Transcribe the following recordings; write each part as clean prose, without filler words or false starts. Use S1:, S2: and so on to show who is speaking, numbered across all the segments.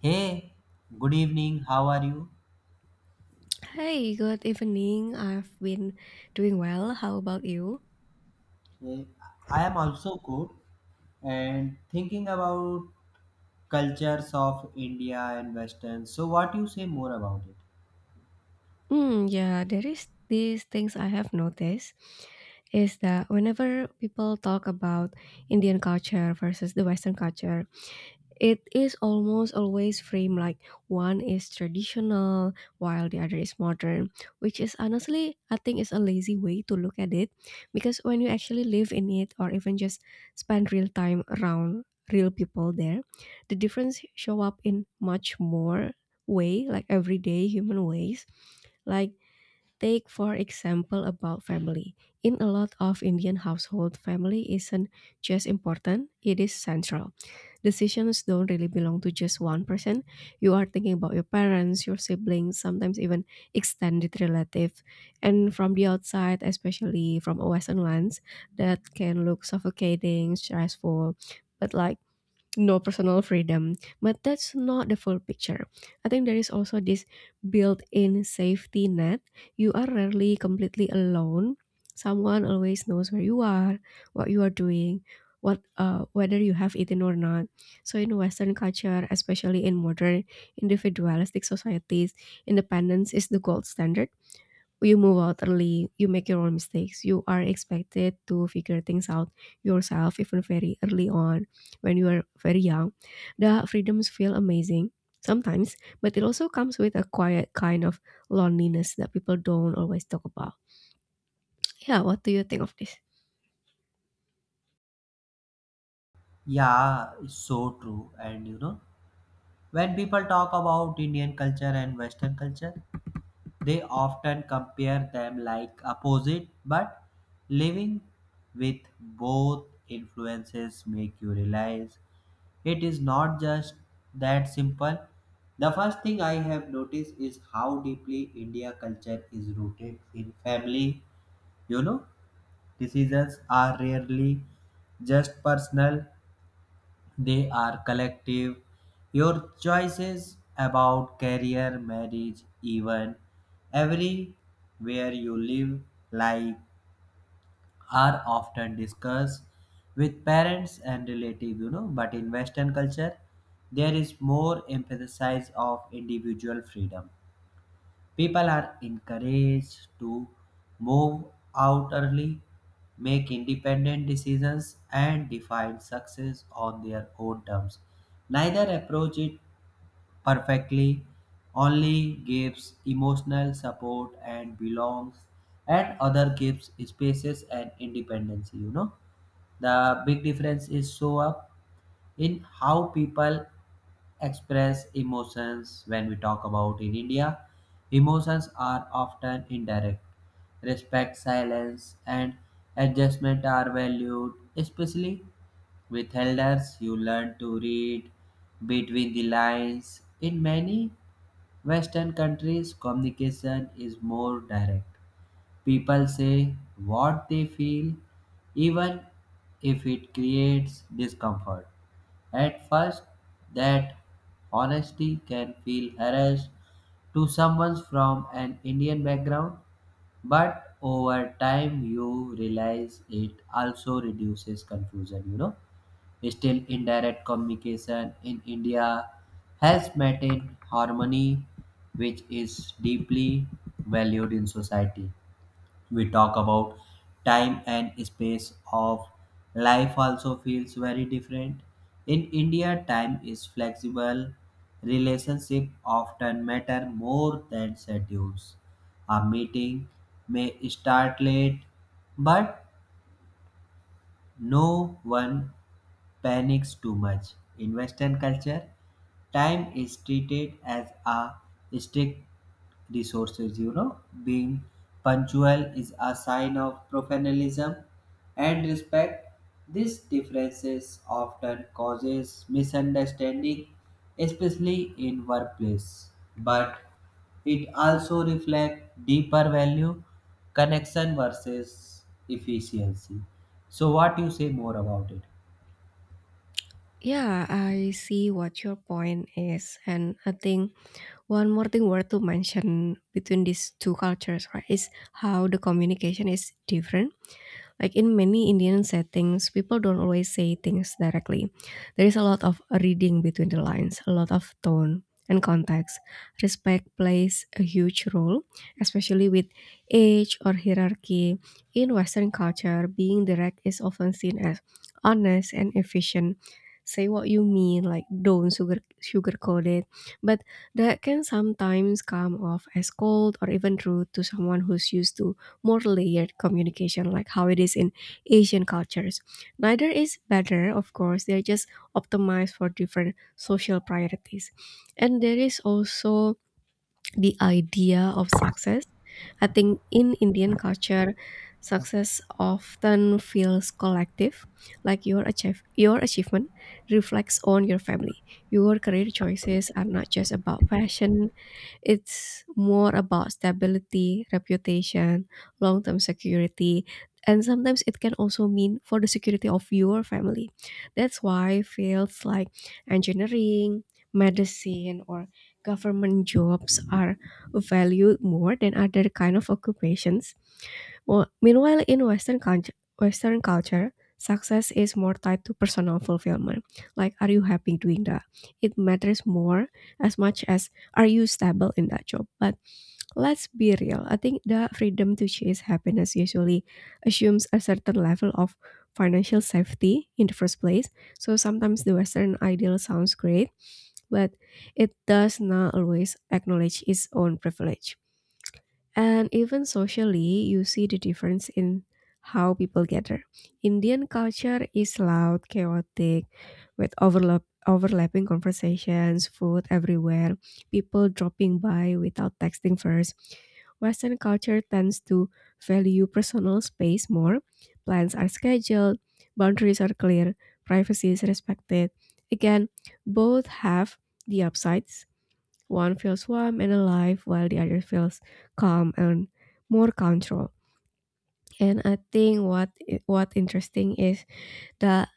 S1: Hey, good evening. How are you?
S2: Hi, good evening. I've been doing well. How about you?
S1: Eh, I am also good and thinking about cultures of India and Western. So, what you say more about it?
S2: Hmm, yeah, there is these things I have noticed is that whenever people talk about Indian culture versus the Western culture, it is almost always framed like one is traditional while the other is modern, which is honestly, I think, is a lazy way to look at it because when you actually live in it or even just spend real time around real people there, the difference show up in much more way, like everyday human ways. Like take for example about family. In a lot of Indian household, family isn't just important, it is central. Decisions don't really belong to just one person. You are thinking about your parents, your siblings, sometimes even extended relative. And from the outside, especially from a Western lens, that can look suffocating, stressful. But like no personal freedom. But that's not the full picture. I think there is also this built in safety net. You are rarely completely alone. Someone always knows where you are, what you are doing, what whether you have eaten or not. So in Western culture, especially in modern individualistic societies, independence is the gold standard. You move out early, you make your own mistakes, you are expected to figure things out yourself even very early on when you are very young. The freedoms feel amazing sometimes, but it also comes with a quiet kind of loneliness that people don't always talk about. Yeah, what do you think of this?
S1: Yeah, it's so true. And you know, when people talk about Indian culture and Western culture, they often compare them like opposite, but living with both influences make you realize it is not just that simple. The first thing I have noticed is how deeply India culture is rooted in family. You know, decisions are rarely just personal, they are collective. Your choices about career, marriage, even everywhere you live, like are often discussed with parents and relatives, you know, but in Western culture there is more emphasis of individual freedom. People are encouraged to move out early, make independent decisions, and define success on their own terms. Neither approach is perfectly, only gives emotional support and belongs, and other gives spaces and independence, you know. The big difference is show up in how people express emotions when we talk about in India. Emotions are often indirect. Respect, silence, and adjustment are valued, especially with elders, you learn to read between the lines. In many Western countries, communication is more direct. People say what they feel, even if it creates discomfort. At first, that honesty can feel harassed to someone from an Indian background, but over time, you realize it also reduces confusion, you know. Still, indirect communication in India has maintained harmony, which is deeply valued in society. We talk about time and space of life also feels very different. In India, time is flexible. Relationship often matter more than schedules. A meeting may start late, but no one panics too much. In Western culture, time is treated as a strict resource. You know, being punctual is a sign of professionalism and respect. These differences often causes misunderstanding, especially in workplace. But it also reflects deeper value, connection versus efficiency. So, what you say more about it?
S2: Yeah, I see what your point is, and I think one more thing worth to mention between these two cultures, right, is how the communication is different. Like in many Indian settings, people don't always say things directly. There is a lot of reading between the lines, a lot of tone and context. Respect plays a huge role, especially with age or hierarchy. In Western culture, being direct is often seen as honest and efficient. Say what you mean, like don't sugarcoat it. But that can sometimes come off as cold or even rude to someone who's used to more layered communication, like how it is in Asian cultures. Neither is better, of course, they're just optimized for different social priorities. And there is also the idea of success. I think in Indian culture, success often feels collective, like your achievement reflects on your family. Your career choices are not just about passion, it's more about stability, reputation, long term security, and sometimes it can also mean for the security of your family. That's why fields like engineering, medicine, or government jobs are valued more than other kind of occupations. Wh meanwhile, in Western culture, success is more tied to personal fulfillment. Like, are you happy doing that? It matters more as much as are you stable in that job. But let's be real. I think the freedom to chase happiness usually assumes a certain level of financial safety in the first place. So sometimes the Western ideal sounds great, but it does not always acknowledge its own privilege. And even socially, you see the difference in how people gather. Indian culture is loud, chaotic, with overlapping conversations, food everywhere, people dropping by without texting first. Western culture tends to value personal space more. Plans are scheduled, boundaries are clear, privacy is respected. Again, both have the upsides, one feels warm and alive, while the other feels calm and more control. And I think what interesting is that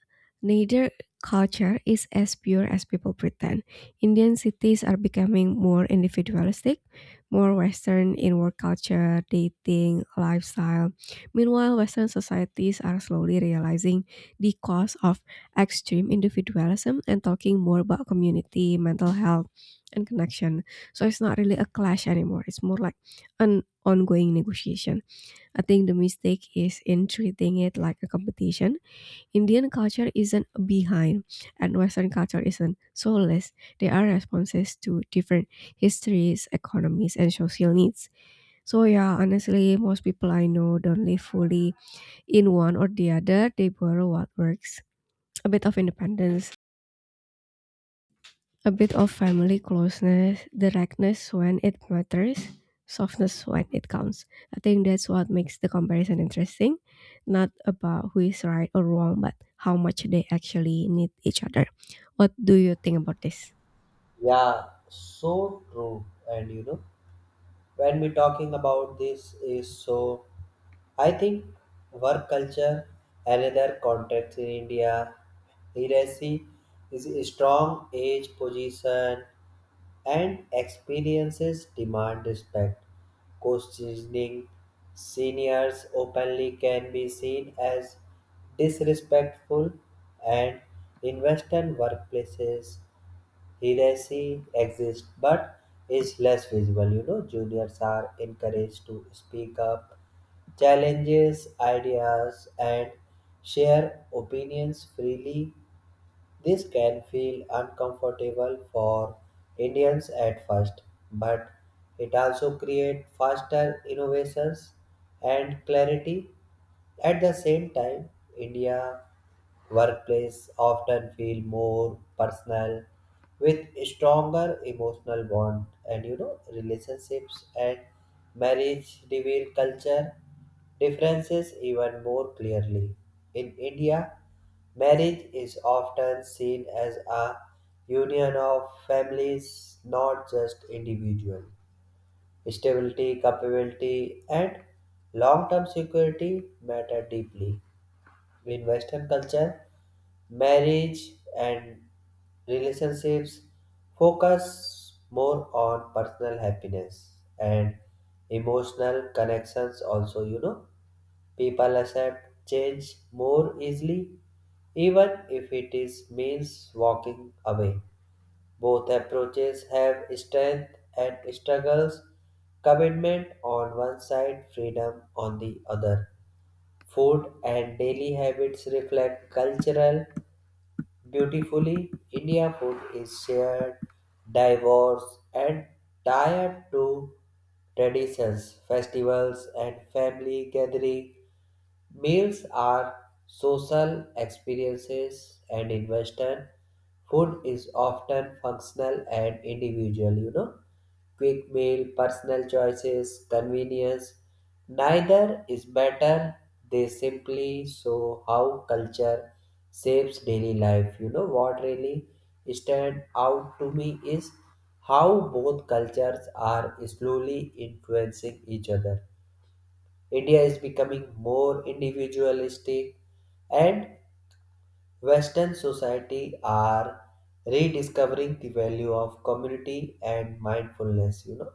S2: neither culture is as pure as people pretend. Indian cities are becoming more individualistic, more Western in work culture, dating, lifestyle. Meanwhile, Western societies are slowly realizing the cost of extreme individualism and talking more about community, mental health, and connection. So it's not really a clash anymore. It's more like an ongoing negotiation. I think the mistake is in treating it like a competition. Indian culture isn't behind, and Western culture isn't soulless. They are responses to different histories, economies, and social needs. So yeah, honestly, most people I know don't live fully in one or the other. They borrow what works. A bit of independence, a bit of family closeness, directness when it matters, softness when it counts. I think that's what makes the comparison interesting. Not about who is right or wrong, but how much they actually need each other. What do you think about this?
S1: Yeah, so true. And you know, when we're talking about this is so, I think work culture, another context in India, literacy is a strong age position and experiences demand respect. Questioning seniors openly can be seen as disrespectful, and in Western workplaces heresy exists but is less visible. You know, juniors are encouraged to speak up, challenges ideas, and share opinions freely. This can feel uncomfortable for Indians at first, but it also creates faster innovations and clarity. At the same time, India workplace often feel more personal with stronger emotional bond, and you know, relationships and marriage reveal culture differences even more clearly. In India, marriage is often seen as a union of families, not just individuals. Stability, capability, and long term security matter deeply. In Western culture, marriage and relationships focus more on personal happiness and emotional connections, also, you know. People accept change more easily, even if it is means walking away. Both approaches have strength and struggles, commitment on one side, freedom on the other. Food and daily habits reflect cultural beautifully. India food is shared, diverse, and tied to traditions, festivals, and family gatherings. Meals are social experiences, and in Western, food is often functional and individual, you know, quick meal, personal choices, convenience. Neither is better. They simply show how culture shapes daily life. You know what really stand out to me is how both cultures are slowly influencing each other. India is becoming more individualistic and Western society are rediscovering the value of community and mindfulness, you know.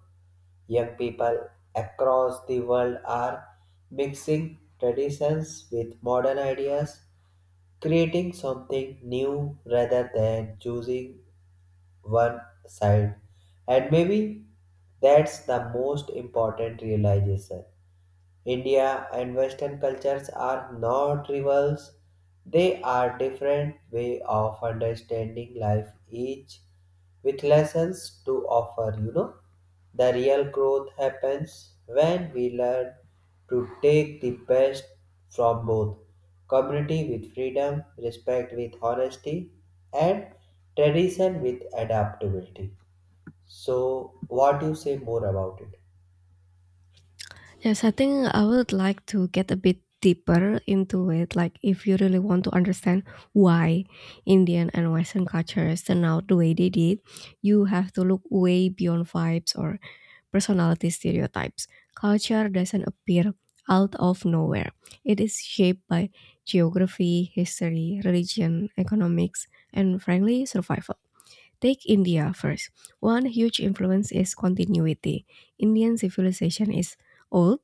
S1: Young people across the world are mixing traditions with modern ideas, creating something new rather than choosing one side. And maybe that's the most important realization. India and Western cultures are not rivals. They are different way of understanding life, each with lessons to offer, you know. The real growth happens when we learn to take the best from both, community with freedom, respect with honesty, and tradition with adaptability. So, what do you say more about it?
S2: Yes, I think I would like to get a bit deeper into it. Like, if you really want to understand why Indian and Western cultures turn out the way they did, you have to look way beyond vibes or personality stereotypes. Culture doesn't appear out of nowhere. It is shaped by geography, history, religion, economics, and frankly, survival. Take India first. One huge influence is continuity. Indian civilization is old,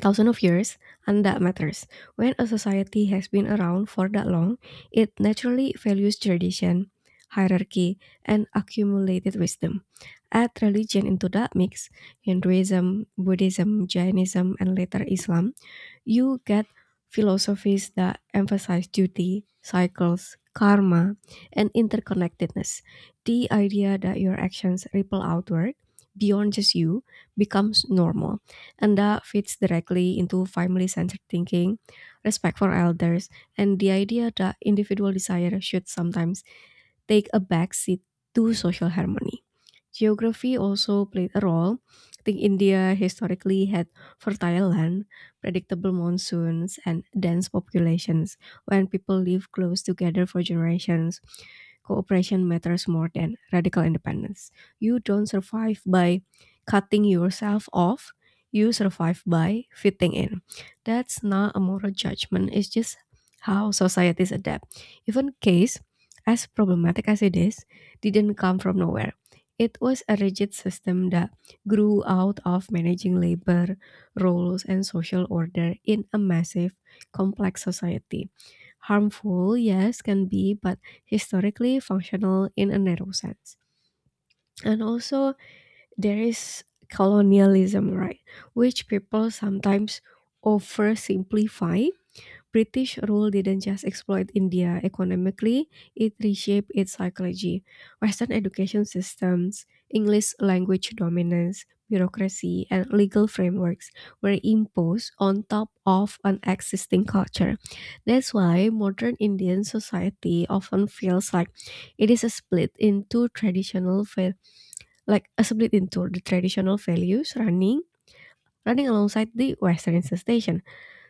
S2: thousands of years, and that matters. When a society has been around for that long, it naturally values tradition, hierarchy, and accumulated wisdom. Add religion into that mix: Hinduism, Buddhism, Jainism, and later Islam, you get philosophies that emphasize duty, cycles, karma, and interconnectedness. The idea that your actions ripple outward beyond just you becomes normal, and that fits directly into family centered thinking, respect for elders, and the idea that individual desire should sometimes take a backseat to social harmony. Geography also played a role. I think India historically had fertile land, predictable monsoons, and dense populations. When people live close together for generations, cooperation matters more than radical independence. You don't survive by cutting yourself off, you survive by fitting in. That's not a moral judgment, it's just how societies adapt. Even case, as problematic as it is, didn't come from nowhere. It was a rigid system that grew out of managing labor, roles, and social order in a massive, complex society. Harmful, yes, can be, but historically functional in a narrow sense. And also, there is colonialism, right? Which people sometimes oversimplify. British rule didn't just exploit India economically, it reshaped its psychology. Western education systems, English language dominance, bureaucracy, and legal frameworks were imposed on top of an existing culture. That's why modern Indian society often feels it is a split into traditional val- like a split into the traditional values running alongside the Western infestation.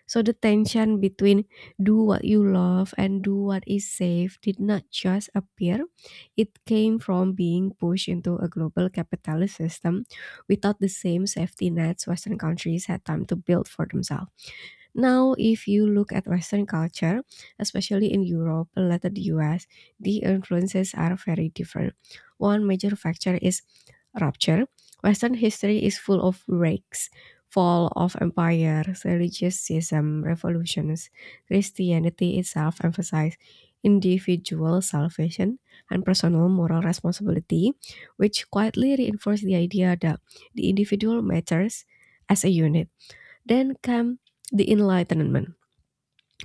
S2: So the tension between do what you love and do what is safe did not just appear, it came from being pushed into a global capitalist system without the same safety nets Western countries had time to build for themselves. Now, if you look at Western culture, especially in Europe and later the US, the influences are very different. One major factor is rupture. Western history is full of breaks, fall of empires, religious schism, revolutions. Christianity itself emphasized individual salvation and personal moral responsibility, which quietly reinforced the idea that the individual matters as a unit. Then come the enlightenment,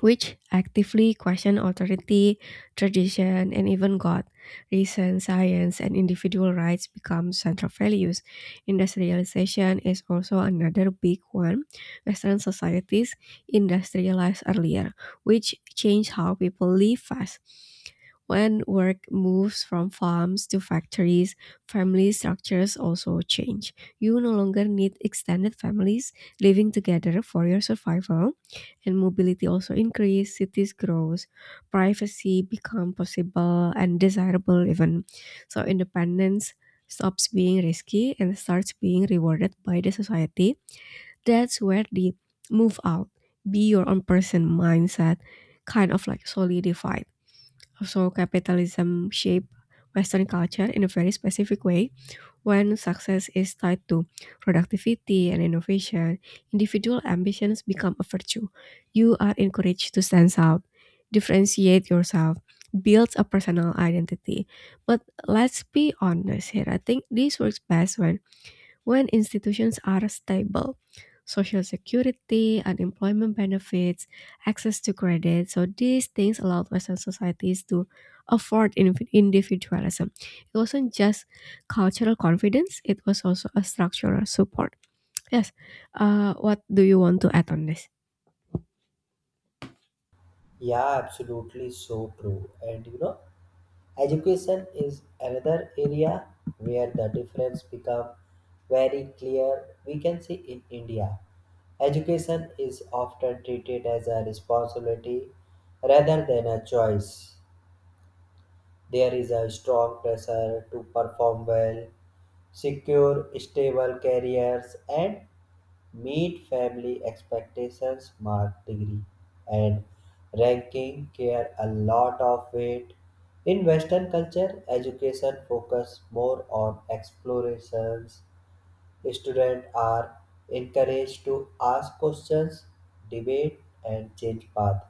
S2: which actively question authority, tradition, and even God. Reason, science, and individual rights become central values. Industrialization is also another big one. Western societies industrialized earlier, which changed how people live fast. When work moves from farms to factories, family structures also change. You no longer need extended families living together for your survival, and mobility also increase, cities grows, privacy become possible and desirable even. So independence stops being risky and starts being rewarded by the society. That's where the move out, be your own person mindset kind of like solidified. So capitalism shaped Western culture in a very specific way. When success is tied to productivity and innovation, individual ambitions become a virtue. You are encouraged to stand out, differentiate yourself, build a personal identity. But let's be honest here. I think this works best when institutions are stable, social security, unemployment benefits, access to credit, so these things allowed Western societies to afford individualism. It wasn't just cultural confidence, it was also a structural support. Yes, what do you want to add on this?
S1: Yeah, absolutely so true. And you know, education is another area where the difference become very clear. We can see in India, education is often treated as a responsibility rather than a choice. There is a strong pressure to perform well, secure stable careers, and meet family expectations, mark degree, and ranking care a lot of weight. In Western culture, education focus more on explorations. Students are encouraged to ask questions, debate, and change path.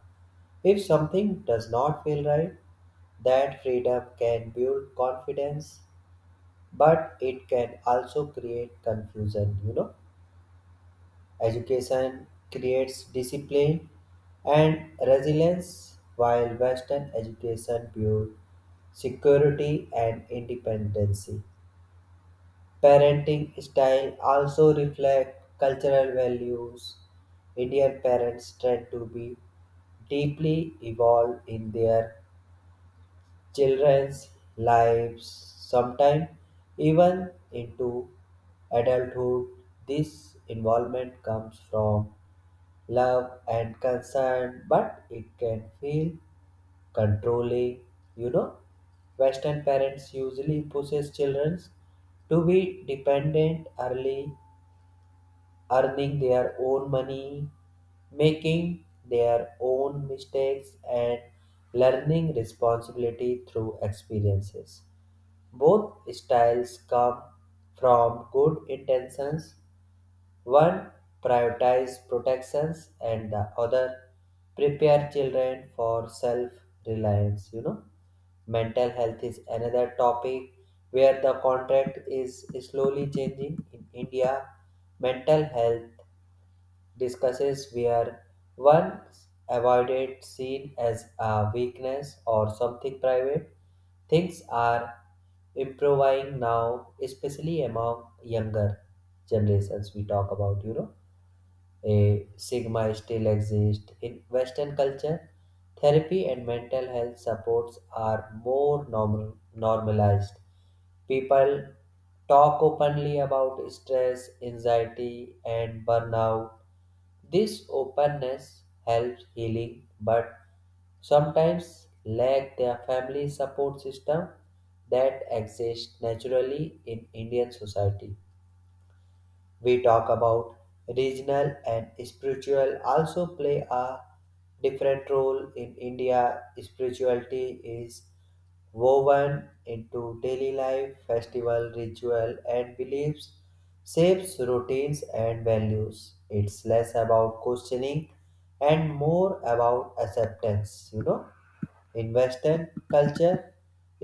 S1: If something does not feel right, that freedom can build confidence, but it can also create confusion, you know. Education creates discipline and resilience, while Western education builds security and independence. Parenting style also reflect cultural values. Indian parents tend to be deeply involved in their children's lives, sometimes even into adulthood. This involvement comes from love and concern, but it can feel controlling. You know, Western parents usually pushes children to be dependent early, earning their own money, making their own mistakes, and learning responsibility through experiences. Both styles come from good intentions, one prioritize protections and the other prepare children for self-reliance. You know, mental health is another topic where the contract is slowly changing in India. Mental health discusses where once avoided seen as a weakness or something private. Things are improving now, especially among younger generations we talk about, you know. A stigma still exists in Western culture. Therapy and mental health supports are more normalized. People talk openly about stress, anxiety, and burnout. This openness helps healing, but sometimes lack their family support system that exists naturally in Indian society. We talk about regional and spiritual also play a different role in India. Spirituality is woven into daily life, festival, ritual, and beliefs, shapes routines and values. It's less about questioning and more about acceptance, you know. In Western culture,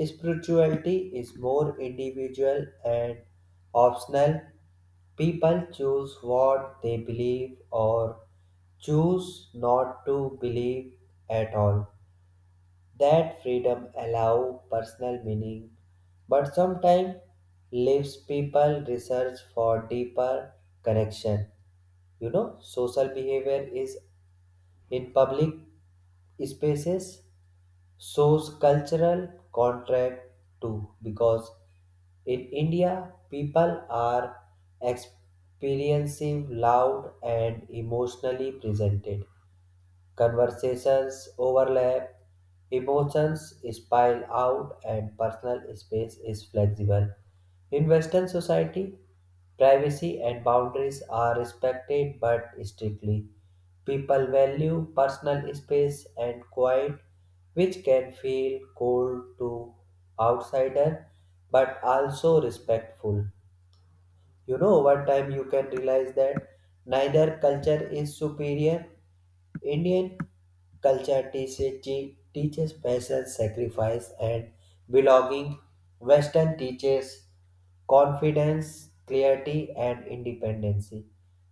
S1: spirituality is more individual and optional. People choose what they believe or choose not to believe at all. That freedom allow personal meaning, but sometimes leaves people research for deeper connection. You know, social behavior is in public spaces shows cultural contrast too, because in India people are experiencing loud and emotionally presented. Conversations overlap, emotions spill out, and personal space is flexible. In Western society, privacy and boundaries are respected but strictly. People value personal space and quiet, which can feel cold to outsider but also respectful. You know, over time you can realize that neither culture is superior. Indian culture teaches, teaches patience, sacrifice, and belonging. Western teaches confidence, clarity, and independency.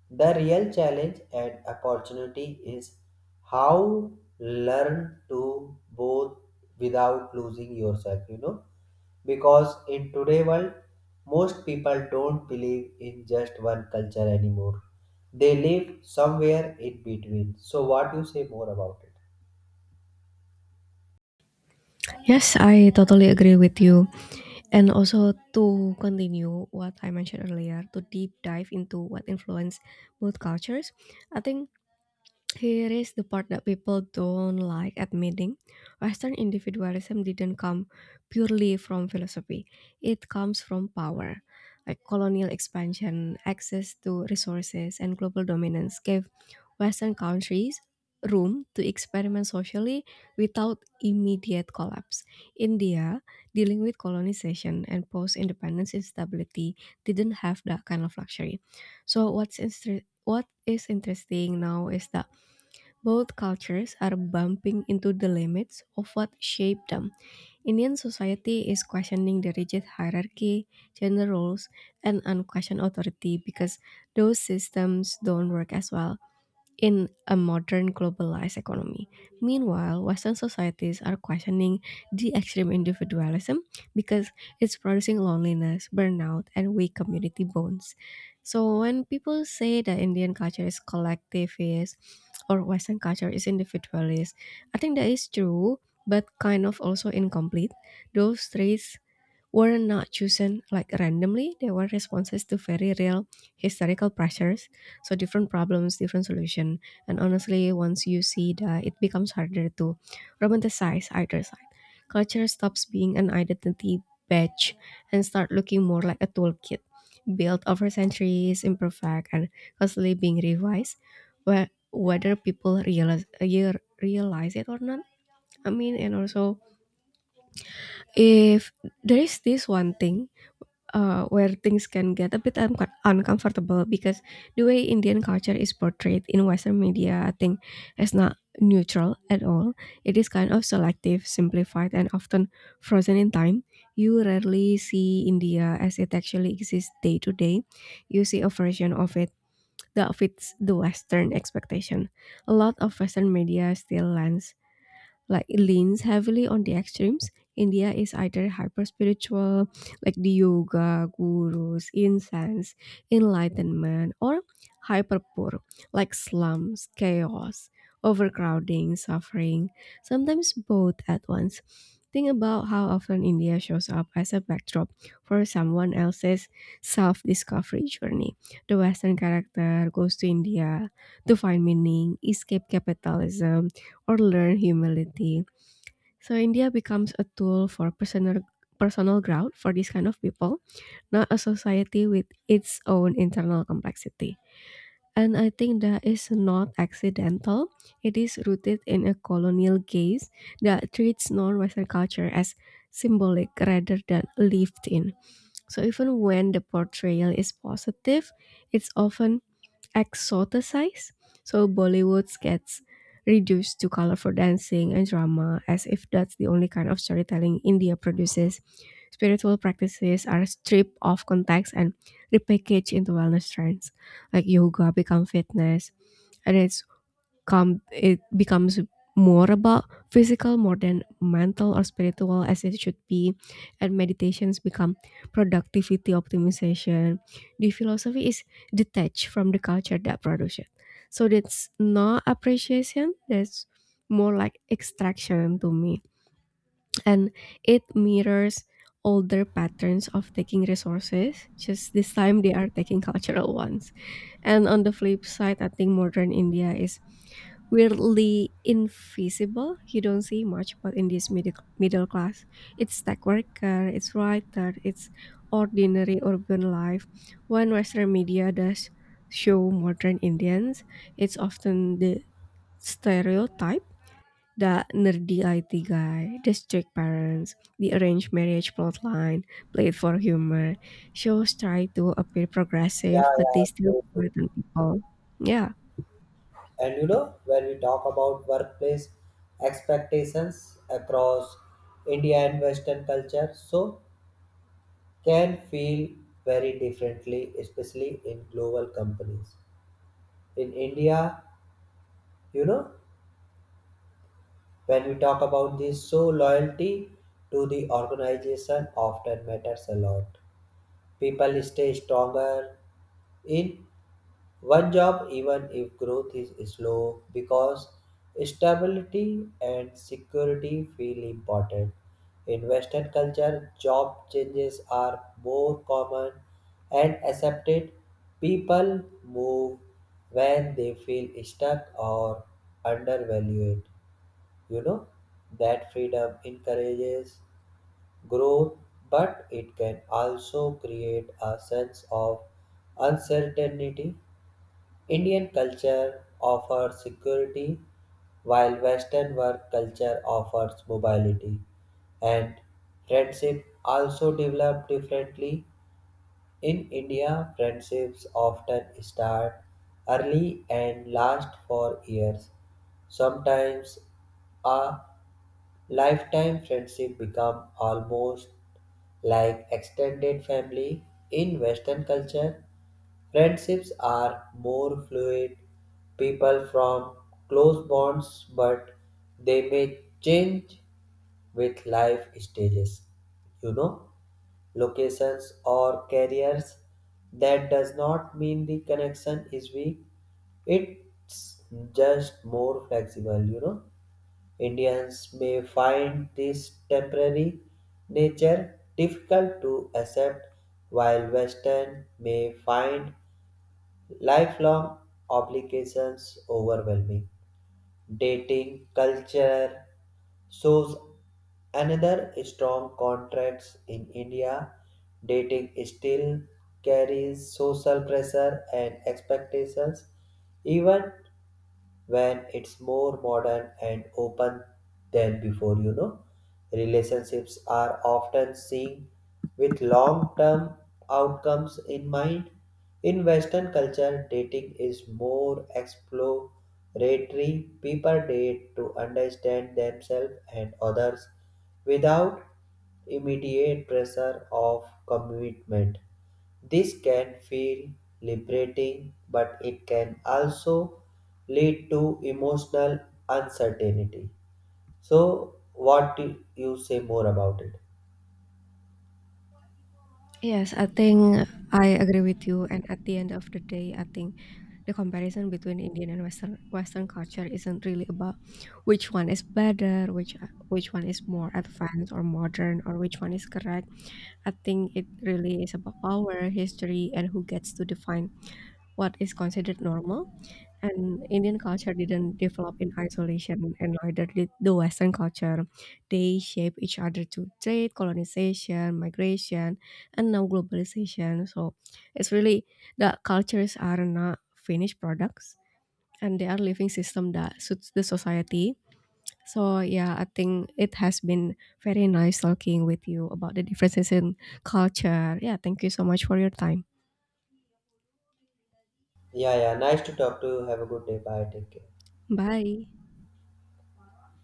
S1: The real challenge and opportunity is how learn to both without losing yourself, you know, because in today world most people don't believe in just one culture anymore, they live somewhere in between. So what you say more about it?
S2: Yes, I totally agree with you. And also to continue what I mentioned earlier, to deep dive into what influenced both cultures, I think here is the part that people don't like admitting. Western individualism didn't come purely from philosophy, it comes from power. Like colonial expansion, access to resources, and global dominance gave Western countries room to experiment socially without immediate collapse. India, dealing with colonization and post independence instability, didn't have that kind of luxury. So, what is interesting now is that both cultures are bumping into the limits of what shaped them. Indian society is questioning the rigid hierarchy, gender roles, and unquestioned authority because those systems don't work as well in a modern globalized economy. Meanwhile, Western societies are questioning the extreme individualism because it's producing loneliness, burnout, and weak community bonds. So, when people say that Indian culture is collectivist or Western culture is individualist, I think that is true, but kind of also incomplete. Those three were not chosen like randomly. They were responses to very real historical pressures. So different problems, different solution. And honestly, once you see that, it becomes harder to romanticize either side. Culture stops being an identity badge and start looking more like a toolkit built over centuries, imperfect, and constantly being revised. Where whether people realize it or not. I mean, and also if there is this one thing where things can get a bit uncomfortable because the way Indian culture is portrayed in Western media, I think, is not neutral at all. It is kind of selective, simplified, and often frozen in time. You rarely see India as it actually exists day to day. You see a version of it that fits the Western expectation. A lot of Western media still lands like leans heavily on the extremes. India is either hyper spiritual, like the yoga, gurus, incense, enlightenment, or hyper poor, like slums, chaos, overcrowding, suffering, sometimes both at once. Think about how often India shows up as a backdrop for someone else's self discovery journey. The Western character goes to India to find meaning, escape capitalism, or learn humility. So India becomes a tool for personal growth for these kind of people, not a society with its own internal complexity. And I think that is not accidental. It is rooted in a colonial gaze that treats non-Western culture as symbolic rather than lived in. So even when the portrayal is positive, it's often exoticized, so Bollywood gets reduced to colorful dancing and drama as if that's the only kind of storytelling India produces. Spiritual practices are stripped of context and repackaged into wellness trends, like yoga become fitness, and it becomes more about physical more than mental or spiritual as it should be, and meditations become productivity optimization. The philosophy is detached from the culture that produces it, so that's not appreciation, that's more like extraction to me. And it mirrors older patterns of taking resources, just this time they are taking cultural ones. And on the flip side, I think modern India is weirdly invisible. You don't see much, but in this middle class, it's tech worker, it's writer, it's ordinary urban life. When Western media does show modern Indians, it's often the stereotype, the nerdy IT guy, the strict parents, the arranged marriage plotline, played for humor. Shows try to appear
S1: Yeah,
S2: progressive, but
S1: yeah,
S2: they still
S1: true, true.
S2: frighten people. Yeah.
S1: And you know, when we talk about workplace expectations across India and Western culture, so can feel very differently, especially in global companies in India, you know. When we talk about this, so loyalty to the organization often matters a lot. People stay stronger in one job even if growth is slow because stability and security feel important. In Western culture, job changes are more common and accepted. People move when they feel stuck or undervalued. You know, that freedom encourages growth, but it can also create a sense of uncertainty. Indian culture offers security, while Western work culture offers mobility, and friendship also develop differently. In India, friendships often start early and last for years. Sometimes a lifetime friendship become almost like extended family. In Western culture, friendships are more fluid. People from close bonds, but they may change with life stages. You know, locations or carriers, that does not mean the connection is weak, it's just more flexible, you know. Indians may find this temporary nature difficult to accept, while Western may find lifelong obligations overwhelming. Dating culture shows another strong contrast. In India, dating still carries social pressure and expectations, even when it's more modern and open than before, you know. Relationships are often seen with long term outcomes in mind. In Western culture, dating is more exploratory, people date to understand themselves and others without immediate pressure of commitment. This can feel liberating, but it can also lead to emotional uncertainty. So, what do you say more about it?
S2: Yes, I think I agree with you. And at the end of the day, I think the comparison between Indian and Western culture isn't really about which one is better, which one is more advanced or modern, or which one is correct. I think it really is about power, history, and who gets to define what is considered normal. And Indian culture didn't develop in isolation, and neither did the Western culture. They shape each other to trade, colonization, migration, and now globalization. So it's really the cultures are not finished products, and they are living system that suits the society. So yeah, I think it has been very nice talking with you about the differences in culture. Yeah, thank you so much for your time.
S1: Yeah, yeah, nice to talk to you. Have a good day. Bye. Take care.
S2: Bye.